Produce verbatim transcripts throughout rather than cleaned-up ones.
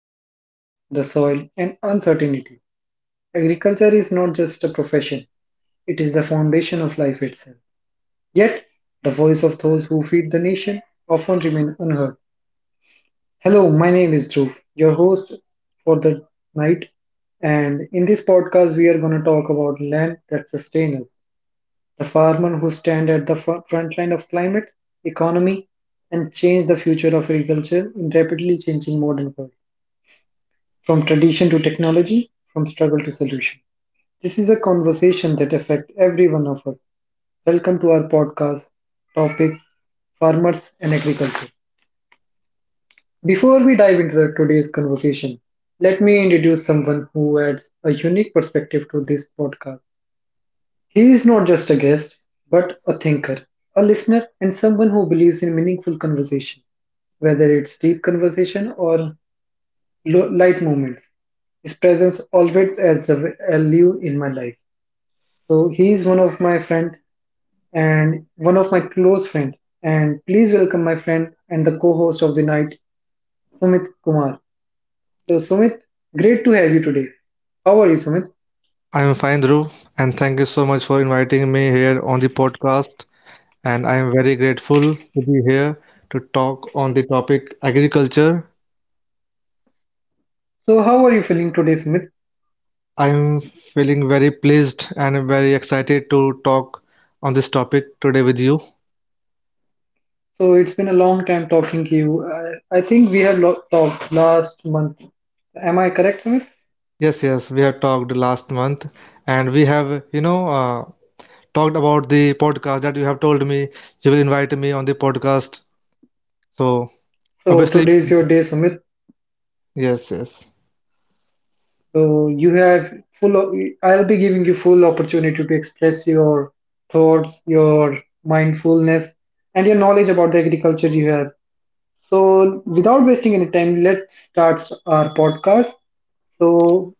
faced the sun, the soil, and uncertainty. Agriculture is not just a profession, it is the foundation of life itself. Yet, the voice of those who feed the nation often remain unheard. Hello, my name is Dhruv, your host for the night, and in this podcast we are going to talk about land that sustains us, the farmer who stand at the fro- front line of climate, economy, and change the future of agriculture in rapidly changing modern world, from tradition to technology, from struggle to solution. This is a conversation that affect every one of us. Welcome to our podcast topic farmers and agriculture. Before we dive into the- today's conversation, let me introduce someone who adds a unique perspective to this podcast. He is not just a guest, but a thinker, a listener, and someone who believes in meaningful conversation, whether it's deep conversation or lo- light moments. His presence always adds a v- value in my life. So he is one of my friend and one of my close friend. And please welcome my friend and the co-host of the night, Sumit Kumar. So Sumit, great to have you today. How are you, Sumit? I'm fine, Dhruv, and thank you so much for inviting me here on the podcast. And I'm very grateful to be here to talk on the topic agriculture. So how are you feeling today, Sumit? I'm feeling very pleased and very excited to talk on this topic today with you. So it's been a long time talking to you. I, I think we have lo- talked last month. Am I correct, Sumit? Yes, yes, we have talked last month, and we have, you know, uh, talked about the podcast that you have told me you will invite me on the podcast. So So obviously, today's your day, Sumit. yes, yes. So you have full. o- I'll be giving you full opportunity to express your thoughts, your mindfulness, and your knowledge about the agriculture you have. So without wasting any time, let's start our podcast. So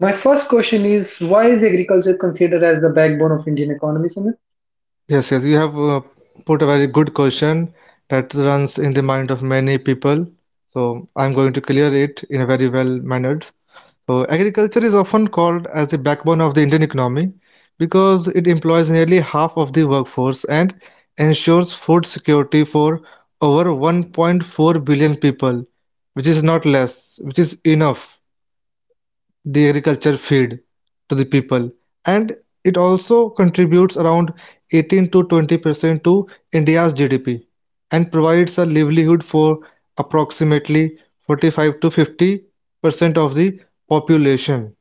my first question is, why is agriculture considered as the backbone of Indian economy, Sumit? Yes, yes, you have uh, put a very good question that runs in the mind of many people. So I'm going to clear it in a very well mannered. So agriculture is often called as the backbone of the Indian economy because it employs nearly half of the workforce and ensures food security for over one point four billion people, which is not less, which is enough the agriculture feed to the people, and it also contributes around eighteen to twenty percent to India's G D P and provides a livelihood for approximately forty-five to fifty percent of the population,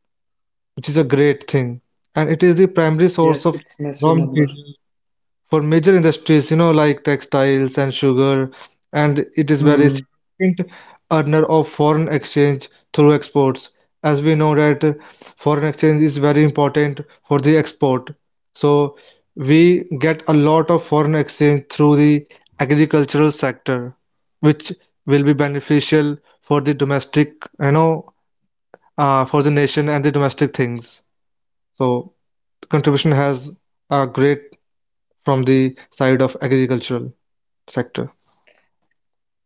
which is a great thing. And it is the primary source Yes, of it's raw massive number. materials for major industries, you know, like textiles and sugar, and it is very significant earner of foreign exchange through exports. As we know that uh, foreign exchange is very important for the export. So we get a lot of foreign exchange through the agricultural sector, which will be beneficial for the domestic, you know, uh, for the nation and the domestic things. So the contribution has a great from the side of agricultural sector.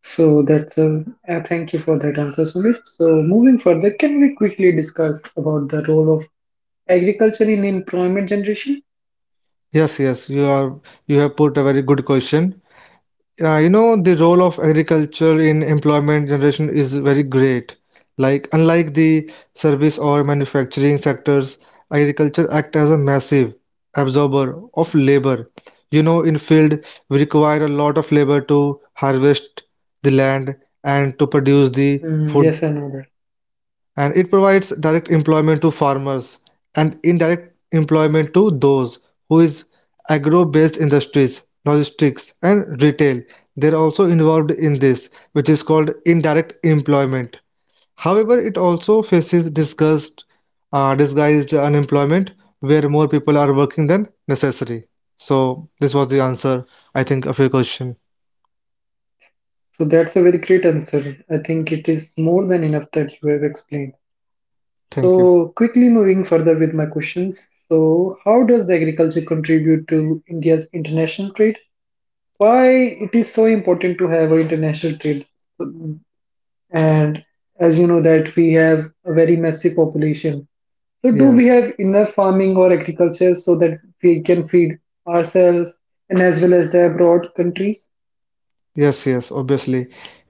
So that's a uh, thank you for that answer, Sumit. So moving further, can we quickly discuss about the role of agriculture in employment generation? Yes, yes, you are you have put a very good question. Uh, you know, the role of agriculture in employment generation is very great. Like unlike the service or manufacturing sectors, agriculture act as a massive absorber of labor. You know, in field we require a lot of labor to harvest the land and to produce the Mm, food, yes, I know that. and it provides direct employment to farmers and indirect employment to those who is agro-based industries, logistics and retail. They're also involved in this, which is called indirect employment. However, it also faces disguised uh, disguised unemployment where more people are working than necessary. So this was the answer, I think, of your question. So that's a very great answer. I think it is more than enough that you have explained. Thank you. So quickly moving further with my questions. So how does agriculture contribute to India's international trade? Why it is so important to have an international trade? And as you know that we have a very massive population. So, do we Yes. have enough farming or agriculture so that we can feed ourselves and as well as the abroad countries? Yes, yes, obviously.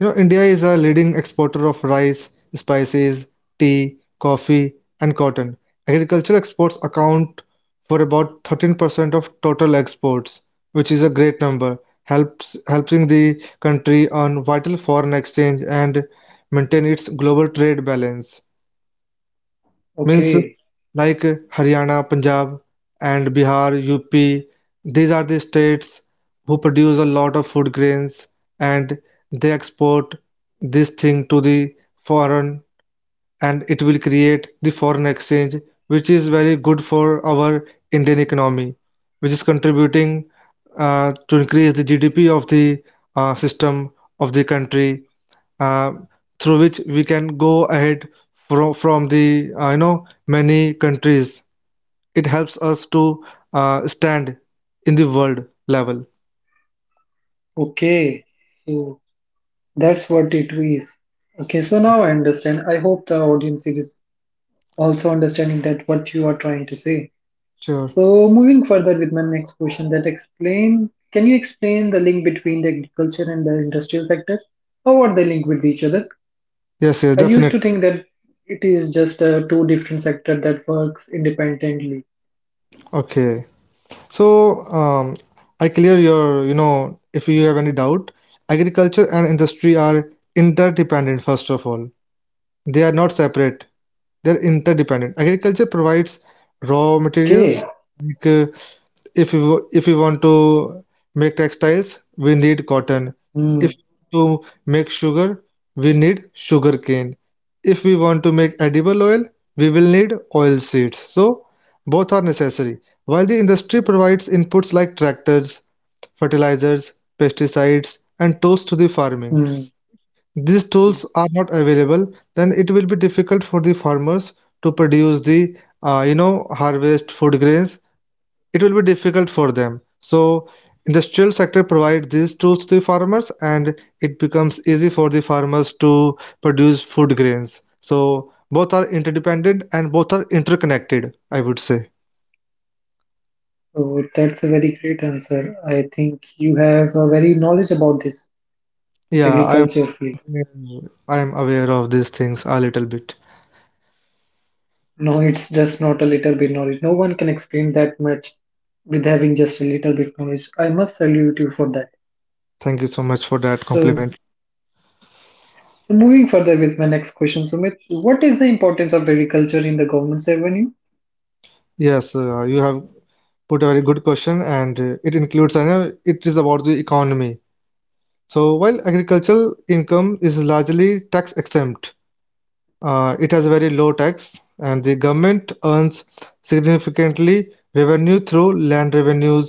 You know, India is a leading exporter of rice, spices, tea, coffee, and cotton. Agriculture exports account for about thirteen percent of total exports, which is a great number, helps helping the country earn vital foreign exchange and maintain its global trade balance means Okay, like Haryana, Punjab, and Bihar, U P. These are the states who produce a lot of food grains and they export this thing to the foreign, and it will create the foreign exchange which is very good for our Indian economy, which is contributing uh, to increase the G D P of the uh, system of the country uh, through which we can go ahead from from the uh, you know many countries. It helps us to uh, stand in the world level. okay. So that's what it is. Okay, so now I understand. I hope the audience is also understanding that what you are trying to say. Sure. So moving further with my next question, that explain. Can you explain the link between the agriculture and the industrial sector? How are they linked with each other? Yes, I yes, used to definitely. think that it is just uh, two different sector that works independently. Okay. So, um, I clear your, you know, if you have any doubt, agriculture and industry are interdependent, first of all. They are not separate, they're interdependent. Agriculture provides raw Okay. materials like uh, if we wa- if we want to make textiles, we need cotton. Hmm. If we want to make sugar, we need sugar cane. If we want to make edible oil, we will need oil seeds. So both are necessary, while the industry provides inputs like tractors, fertilizers, pesticides and tools to the farming. Hmm. These tools are not available, then it will be difficult for the farmers to produce the uh, you know harvest food grains. It will be difficult for them. So industrial sector provide these tools to the farmers, and it becomes easy for the farmers to produce food grains. So both are interdependent and both are interconnected, I would say. So that's a very great answer. I think you have a very knowledge about this Yeah, i am agriculture field. i am aware of these things a little bit. No, it's just not a little bit knowledge. No one can explain that much with having just a little bit knowledge. I must salute you for that. Thank you so much for that So, compliment. so moving further with my next question, Sumit, what is the importance of agriculture in the government's revenue? Yes, uh, you have put a very good question, and uh, it includes I know it is about the economy. So while agricultural income is largely tax exempt. Uh, it has very low tax, and the government earns significantly revenue through land revenues,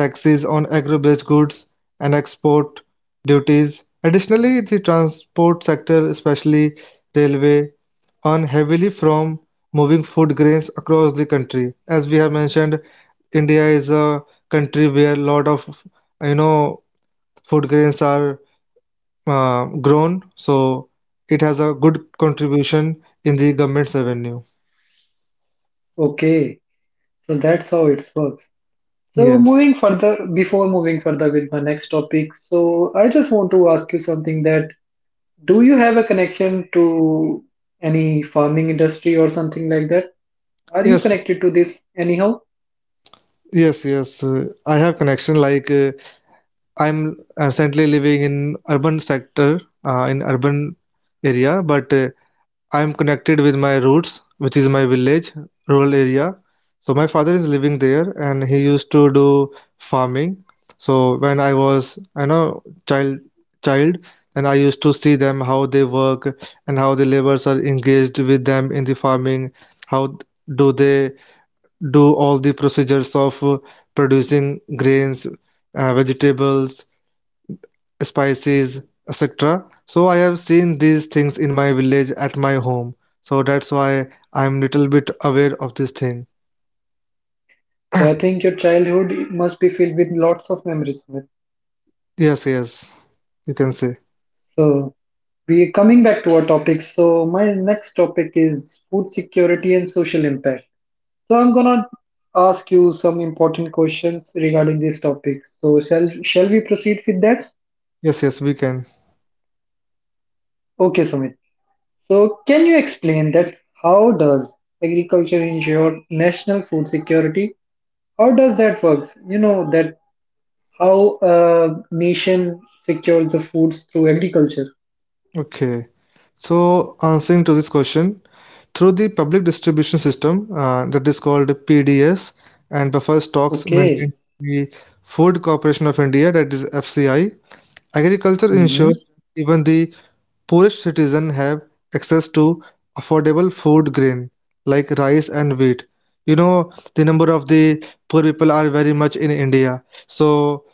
taxes on agro-based goods, and export duties. Additionally, the transport sector, especially railway, earn heavily from moving food grains across the country. As we have mentioned, India is a country where a lot of, you know, food grains are uh, grown, so it has a good contribution in the government's revenue. Okay, so that's how it works. So Yes, moving further, before moving further with my next topic, so I just want to ask you something that do you have a connection to any farming industry or something like that? Are you yes, connected to this anyhow? yes, yes. Uh, I have connection. Like uh, I'm recently living in urban sector, uh, in urban area, but uh, I am connected with my roots, which is my village, rural area. So my father is living there, and he used to do farming. So when I was, you know, child, child, and I used to see them how they work and how the laborers are engaged with them in the farming. How do they do all the procedures of uh, producing grains, uh, vegetables, spices, etc. So I have seen these things in my village at my home, so that's why I'm little bit aware of this thing. So I think your childhood must be filled with lots of memories. With. Yes, yes, you can say. So we coming back to our topic. So my next topic is food security and social impact. So I'm gonna ask you some important questions regarding this topic. So shall shall we proceed with that? Yes, yes, we can. Okay, Sumit. So, can you explain that? How does agriculture ensure national food security? How does that works? You know that how a nation secures the foods through agriculture. Okay, so answering to this question, through the public distribution system, uh, that is called PDS, and buffer stocks maintained Okay. by the Food Corporation of India, that is FCI, agriculture Hmm. ensures even the poorest citizens have access to affordable food grain like rice and wheat. You know, the number of the poor people are very much in India. So,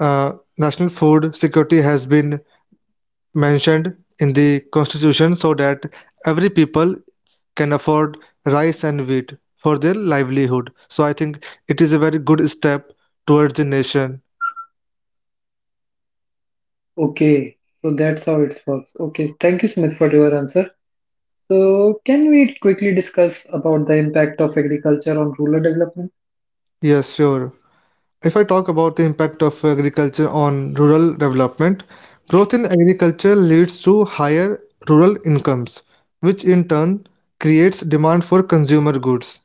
uh, national food security has been mentioned in the constitution so that every people can afford rice and wheat for their livelihood. So, I think it is a very good step towards the nation. Okay. So that's how it works. Okay. Thank you, Smith, for your answer. So, can we quickly discuss about the impact of agriculture on rural development? Yes, sure. If I talk about the impact of agriculture on rural development, growth in agriculture leads to higher rural incomes, which in turn creates demand for consumer goods.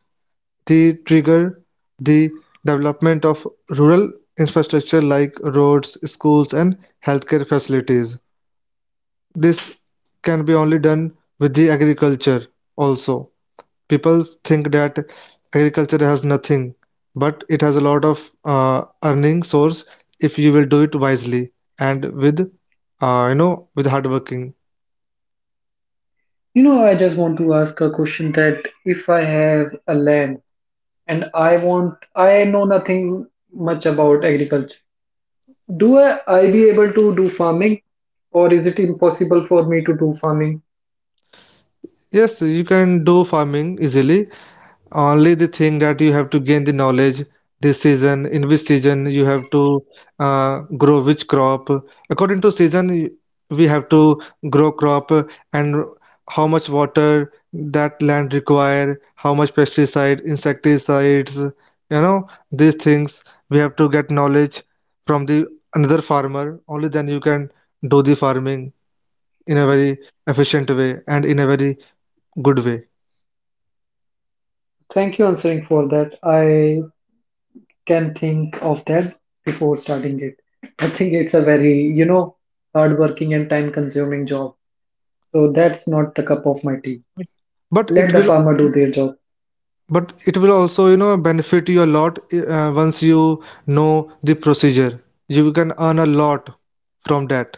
The trigger the development of rural infrastructure like roads, schools, and healthcare facilities. This can be only done with the agriculture also. People think that agriculture has nothing, but it has a lot of uh, earning source if you will do it wisely and with uh, you know with hard working. You know, I just want to ask a question that if I have a land and I want I know nothing much about agriculture. Do I, I be able to do farming or is it impossible for me to do farming? Yes, you can do farming easily, only the thing that you have to gain the knowledge. This season, in which season you have to uh, grow which crop. According to season, y- we have to grow crop, uh, and how much water that land require, how much pesticide, insecticides, you know, these things we have to get knowledge from the another farmer. Only then you can do the farming in a very efficient way and in a very good way. Thank you answering for that. I can think of that before starting it. I think it's a very, you know, hard working and time consuming job. So that's not the cup of my tea. but it Let the will farmer do their job. but it will also, you know, benefit you a lot, uh, once you know the procedure, you can earn a lot from that.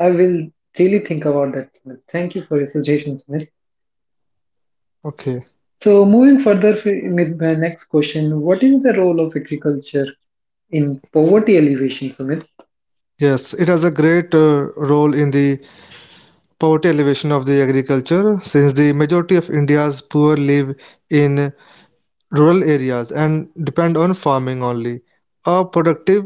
I will really think about that. Smith. Thank you for your suggestions, Smith. Okay. So moving further f- with my next question, what is the role of agriculture in poverty alleviation, Sumit? Yes, it has a great uh, role in the poverty elevation of the agriculture, since the majority of India's poor live in rural areas and depend on farming only. A productive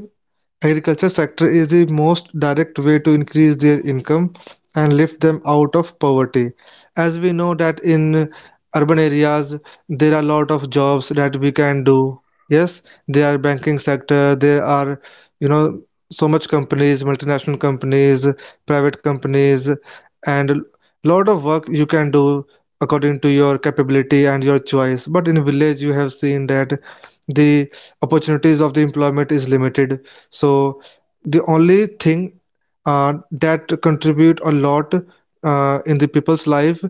agriculture sector is the most direct way to increase their income and lift them out of poverty. As we know that in urban areas there are a lot of jobs that we can do. Yes, there are banking sector, there are, you know, so much companies, multinational companies, private companies, and lot of work you can do according to your capability and your choice. But in village you have seen that the opportunities of the employment is limited. So the only thing uh, that contribute a lot uh, in the people's life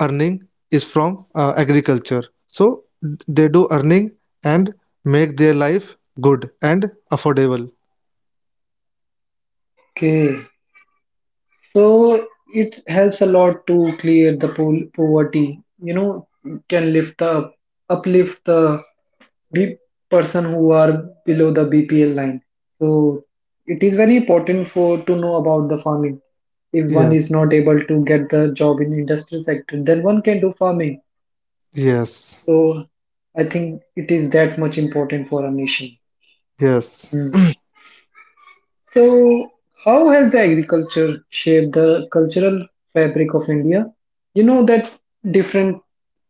earning is from uh, agriculture. So they do earning and make their life good and affordable. Okay, so it helps a lot to clear the po- poverty. You know, can lift the uplift the B- person who are below the B P L line. So it is very important for to know about the farming. If one Yes, is not able to get the job in industrial sector, then one can do farming. yes, So I think it is that much important for a nation. yes, Hmm. So how has the agriculture shaped the cultural fabric of India? You know that different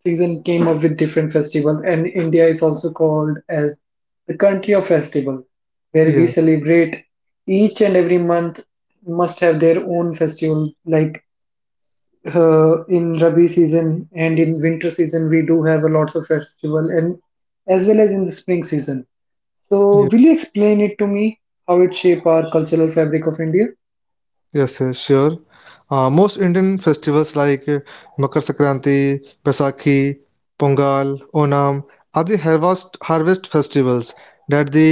season came up with different festivals, and India is also called as the country of festival, where we yes, celebrate each and every month must have their own festival like uh, in Rabi season and in winter season, we do have a lots of festival and as well as in the spring season. So, yes. will you explain it to me how it shape our cultural fabric of India? Yes, uh, sure. Uh, most Indian festivals like uh, Makar Sankranti, Baisakhi, Pongal, Onam are the harvest harvest festivals that the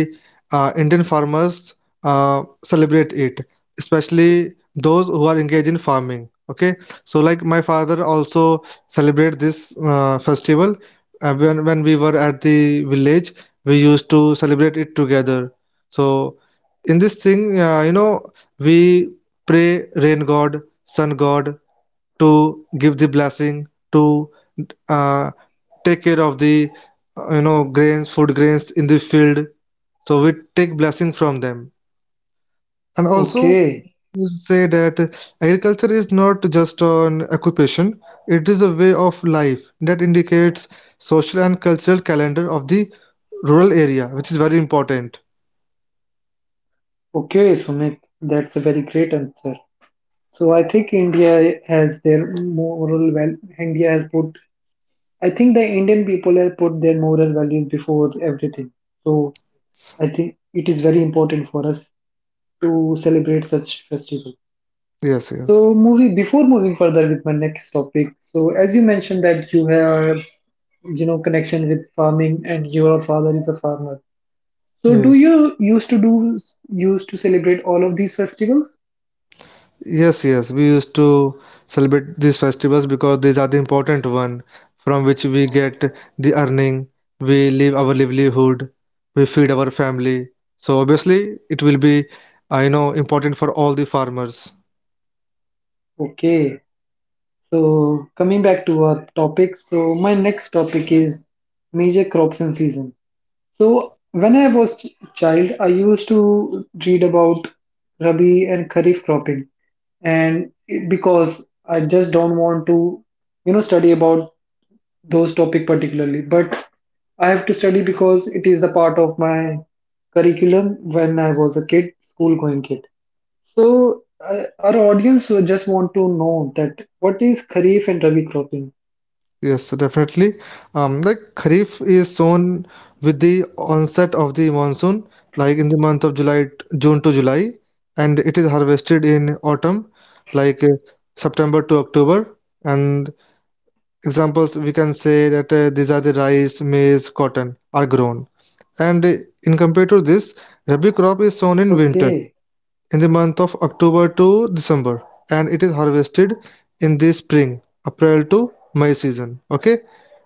uh, Indian farmers uh, celebrate it, especially those who are engaged in farming. Okay, so like my father also celebrate this uh, festival. Uh, when when we were at the village, we used to celebrate it together. So in this thing, uh, you know, we pray rain god, sun god to give the blessing to uh, take care of the uh, you know grains, food grains in the field. So we take blessing from them. And also Okay, we say that agriculture is not just an occupation; it is a way of life that indicates social and cultural calendar of the rural area, which is very important. okay, Sumit, that's a very great answer. So, I think India has their moral well. India has put. I think the Indian people have put their moral values before everything. So, I think it is very important for us to celebrate such festival. Yes, yes, So, movie before moving further with my next topic. So, as you mentioned that you have, you know, connection with farming and your father is a farmer. So, do yes. you used to do used to celebrate all of these festivals? Yes, yes, we used to celebrate these festivals because these are the important one from which we get the earning, we live our livelihood, we feed our family. So obviously it will be, I know, important for all the farmers. Okay. So, coming back to our topic. So, my next topic is major crops and season. So when I was ch- child, I used to read about Rabi and Kharif cropping, and it- because I just don't want to, you know, study about those topic particularly. But I have to study because it is the part of my curriculum when I was a kid, school going kid. So uh, our audience will just want to know that what is Kharif and Rabi cropping? Yes, definitely. Um, like Kharif is sown with the onset of the monsoon, like in the month of July, June to July, and it is harvested in autumn, like uh, September to October, and examples we can say that uh, these are the rice maize cotton are grown and uh, in compared to this rabi crop is sown in winter Okay, in the month of october to december and it is harvested in the spring april to may season, okay,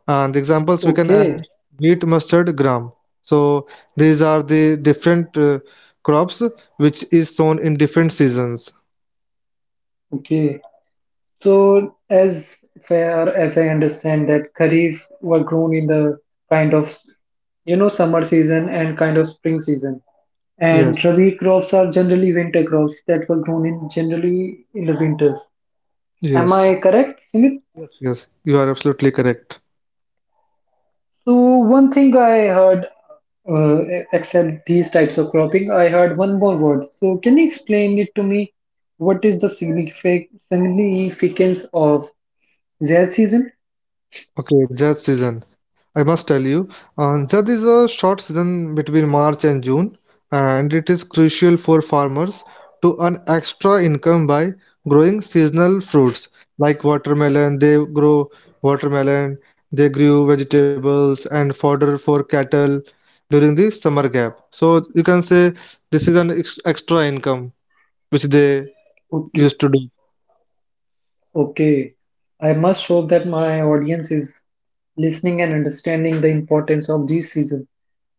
and the examples we can add okay, wheat mustard gram. So these are the different uh, crops which is sown in different seasons. okay. So, as far as I understand that Kharif were grown in the kind of you know summer season and kind of spring season, Yes, and Rabi crops are generally winter crops that were grown in generally in the winters. Am yes I correct, Sumit? yes you are absolutely correct. So, one thing I heard uh, except these types of cropping, I heard one more word. So, can you explain it to me? What is the signific- significance of Zaid season? Okay, Jat season. I must tell you, uh, Jat is a short season between March and June, and it is crucial for farmers to earn extra income by growing seasonal fruits like watermelon. They grow watermelon, they grew vegetables and fodder for cattle during the summer gap. So you can say this is an ex- extra income which they used Okay. to do. Okay, I must hope that my audience is listening and understanding the importance of this season.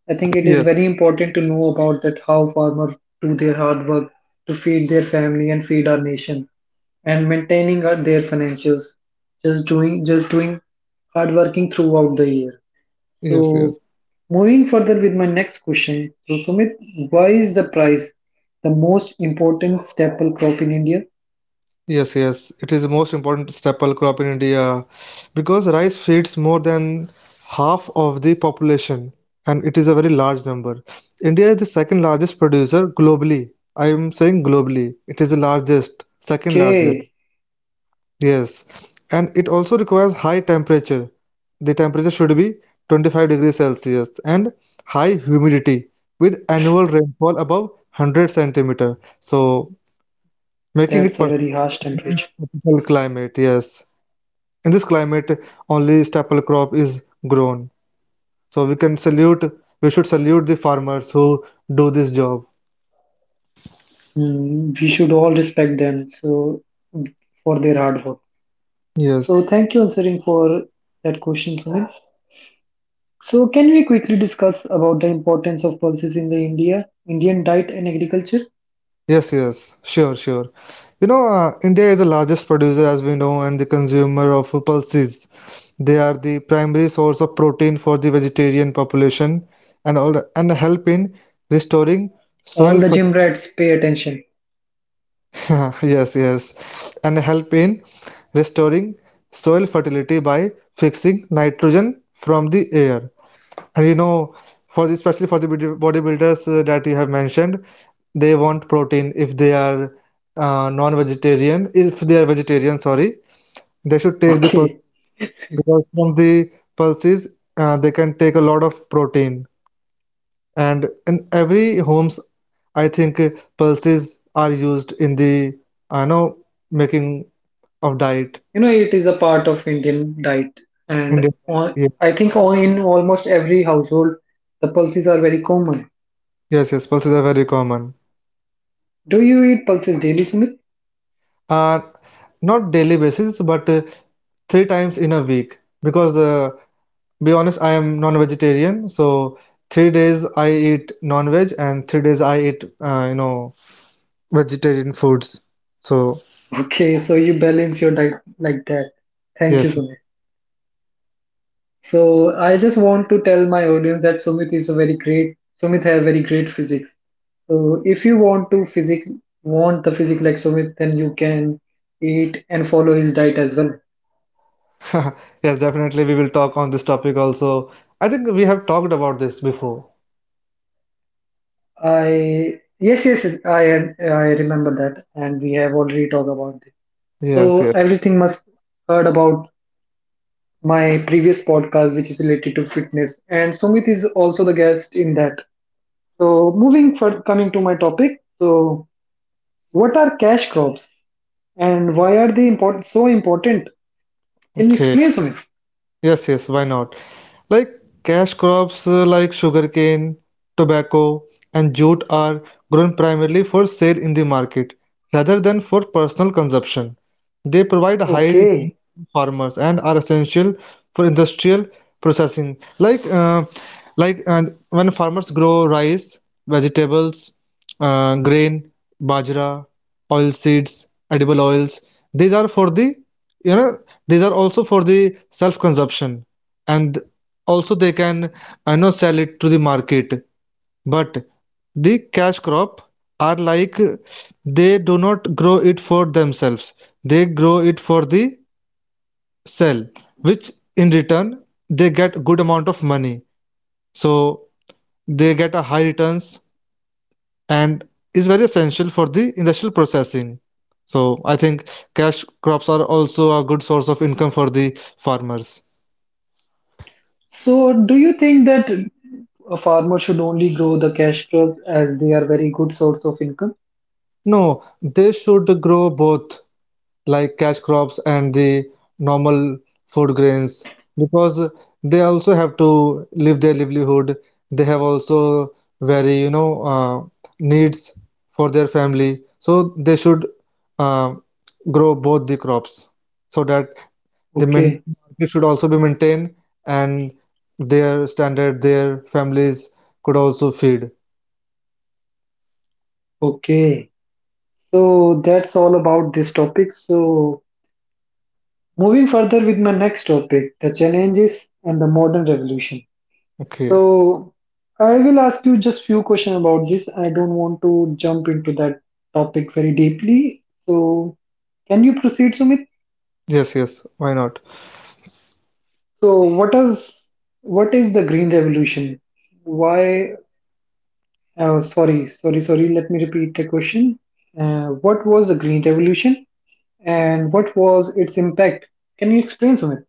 I think it Yes, is very important to know about that how farmers do their hard work to feed their family and feed our nation and maintaining our, their financials. Just doing just doing hard working throughout the year. yes, yes. So moving further with my next question. So Sumit, why is the price the most important staple crop in India? Yes, yes, it is the most important staple crop in India because rice feeds more than half of the population and it is a very large number. India is the second largest producer globally. I am saying globally, it is the largest, second largest. Okay, Yes, and it also requires high temperature. The temperature should be twenty-five degrees Celsius and high humidity with annual rainfall above one hundred centimeter. So, making it that's a very perfect harsh temperature. tropical climate. Yes, in this climate only staple crop is grown, so we can salute, we should salute the farmers who do this job. Mm, we should all respect them so for their hard work. So Yes, thank you answering for that question, Sumit. So can we quickly discuss about the importance of pulses in the India Indian diet and agriculture? yes, yes, sure, sure. You know, uh, india is the largest producer as we know and the consumer of pulses. They are the primary source of protein for the vegetarian population and all, and help in restoring soil All the gym fertility. rats pay attention. Yes, yes. And help in restoring soil fertility by fixing nitrogen from the air. And you know, for the, especially for the body- bodybuilders uh, that you have mentioned, they want protein if they are uh, non-vegetarian. If they are vegetarian, sorry, they should take the pulse, Okay, because from the pulses uh, they can take a lot of protein. And in every homes, I think uh, pulses are used in the, I know, making of diet, you know it is a part of Indian diet, and indian diet. on, Ye- I think all, in almost every household the pulses are very common. Yes, yes pulses are very common. Do you eat pulses daily, Sumit? uh Not daily basis, but uh, three times in a week, because uh, be honest I am non-vegetarian, so three days I eat non-veg and three days I eat uh, you know vegetarian foods. So Okay, so you balance your diet like that. Thank you, yes. Sumit. So I just want to tell my audience that Sumit is a very great Sumit have very great physics. So if you want to physic want the physique like Sumit, then you can eat and follow his diet as well. Yes, definitely we will talk on this topic also. I think we have talked about this before. I yes, yes, yes, I I remember that and we have already talked about this. Yes, So yes. everything must heard about my previous podcast which is related to fitness and Sumit is also the guest in that. So moving for coming to my topic. So what are cash crops? And why are they important, so important? Can you Okay. explain to me? Yes, yes, why not? Like cash crops uh, like sugarcane, tobacco, and jute are grown primarily for sale in the market rather than for personal consumption. They provide high return Okay. to farmers and are essential for industrial processing. Like uh, like and when farmers grow rice, vegetables, uh, grain, bajra, oil seeds, edible oils, these are for the, you know, these are also for the self-consumption, and also they can, I know, sell it to the market. But the cash crop are like, they do not grow it for themselves, they grow it for the sell, which in return they get good amount of money. So they get a high returns, and is very essential for the industrial processing. So I think cash crops are also a good source of income for the farmers. So, do you think that a farmer should only grow the cash crops as they are very good source of income? No, they should grow both, like cash crops and the normal food grains, because they also have to live their livelihood. They have also very, you know, uh, needs for their family. So they should uh, grow both the crops so that the main Okay. market should also be maintained and their standard, their families could also feed. Okay. So, that's all about this topic. So, moving further with my next topic, the challenges and the modern revolution. Okay. So, I will ask you just few questions about this. I don't want to jump into that topic very deeply. So, can you proceed, Sumit? Yes, yes, why not? So what is what is the green revolution? Why? Uh, sorry, sorry, sorry. Let me repeat the question. Uh, what was the green revolution, and what was its impact? Can you explain, Sumit?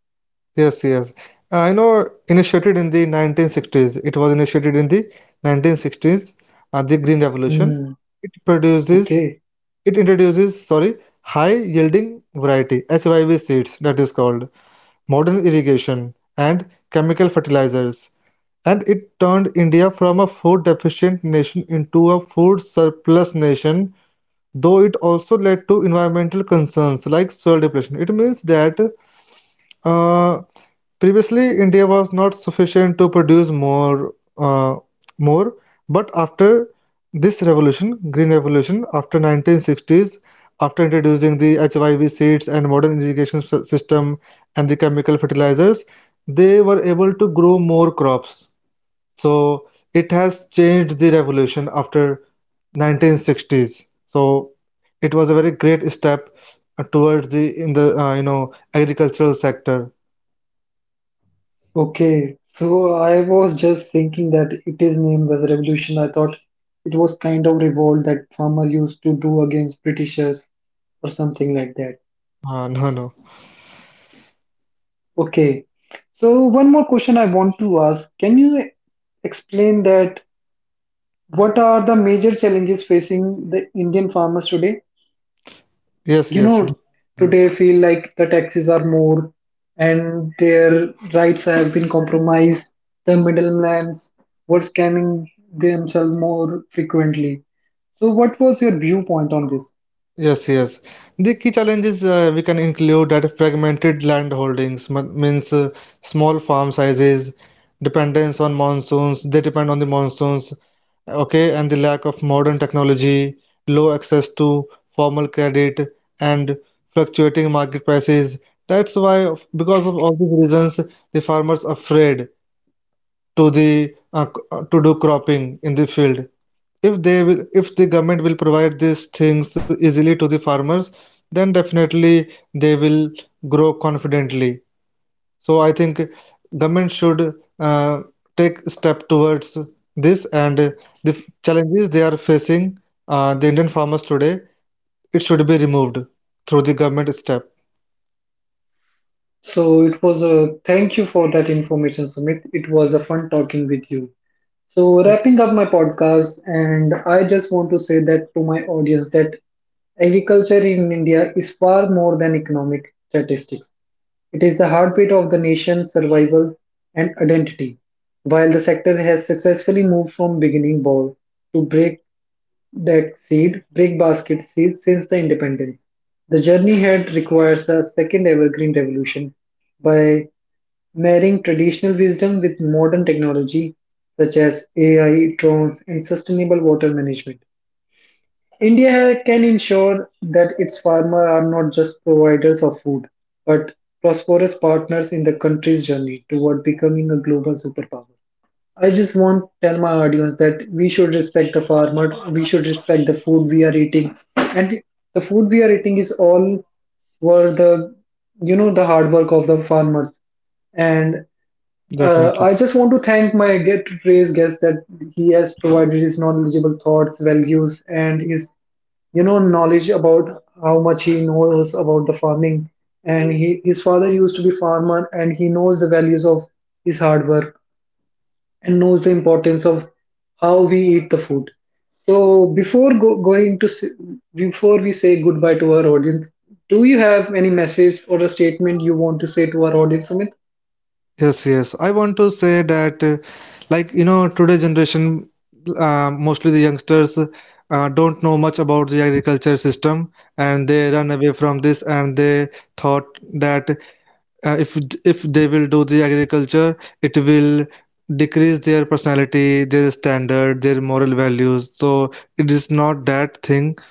Yes, yes. Uh, I know initiated in the nineteen sixties. It was initiated in the nineteen sixties, uh, the Green Revolution. Hmm. It produces, Okay. it introduces, sorry, high yielding variety, H Y V seeds, that is called, modern irrigation and chemical fertilizers. And it turned India from a food deficient nation into a food surplus nation, though it also led to environmental concerns like soil depletion. It means that uh, previously, India was not sufficient to produce more, uh, more. But after this revolution, Green Revolution, after nineteen sixties, after introducing the H Y V seeds and modern irrigation s- system and the chemical fertilizers, they were able to grow more crops. So it has changed the revolution after nineteen sixties. So it was a very great step uh, towards the in the uh, you know agricultural sector. okay. So I was just thinking that it is named as a revolution. I thought it was kind of revolt that farmer used to do against Britishers or something like that. Uh, no, no. Okay. So one more question I want to ask. Can you explain that what are the major challenges facing the Indian farmers today? Yes, You yes, know, today definitely. feel like the taxes are more and their rights have been compromised. The middlemen were scamming themselves more frequently. So, what was your viewpoint on this? Yes, yes. The key challenges uh, we can include that fragmented land holdings m- means uh, small farm sizes, dependence on monsoons, they depend on the monsoons, okay, and the lack of modern technology, low access to formal credit, and fluctuating market prices. That's why, of- because of all these reasons, the farmers afraid to the uh, c- uh, to do cropping in the field. If they will if the government will provide these things easily to the farmers, then definitely they will grow confidently. So I think government should uh, take step towards this, and the challenges they are facing uh, the indian farmers today, it should be removed through the government step. So, it was a thank you for that information, Sumit. It was a fun talking with you. So, Yep, wrapping up my podcast, and I just want to say that to my audience that agriculture in India is far more than economic statistics. It is the heartbeat of the nation's survival and identity. While the sector has successfully moved from beginning ball to break deck seed, break basket seed since the independence, the journey ahead requires a second evergreen revolution by marrying traditional wisdom with modern technology such as A I, drones, and sustainable water management. India can ensure that its farmers are not just providers of food, but prosperous partners in the country's journey toward becoming a global superpower. I just want to tell my audience that we should respect the farmer, we should respect the food we are eating, and the food we are eating is all were the you know the hard work of the farmers and uh, I definitely. just want to thank my Get to Trace guest that he has provided his knowledgeable thoughts, values, and his you know knowledge about how much he knows about the farming. And he, his father used to be farmer, and he knows the values of his hard work and knows the importance of how we eat the food. So before go, going to s- before we say goodbye to our audience, do you have any message or a statement you want to say to our audience, Amit? Yes, yes. I want to say that, uh, like, you know, today generation, uh, mostly the youngsters, uh, don't know much about the agriculture system, and they run away from this, and they thought that uh, if if they will do the agriculture, it will decrease their personality, their standard, their moral values. So it is not that thing.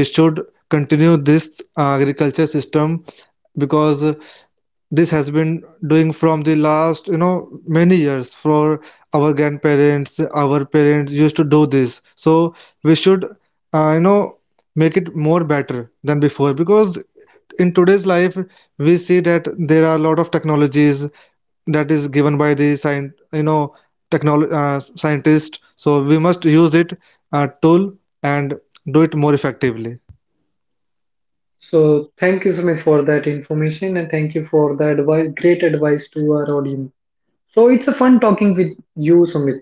We should continue this uh, agriculture system, because this has been doing from the last, you know, many years. For our grandparents, our parents used to do this, so we should uh, you know make it more better than before, because in today's life we see that there are a lot of technologies that is given by the science, you know, technology uh, scientist. So we must use it uh, tool and do it more effectively. So thank you, Sumit, for that information and thank you for the advice, great advice to our audience. So it's a fun talking with you, Sumit.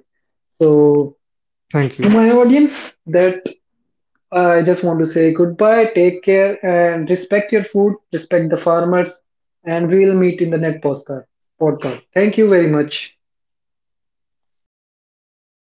So to Thank you. my audience, that I just want to say goodbye, take care, and respect your food, respect the farmers, and we'll meet in the next postcard podcast. Thank you very much.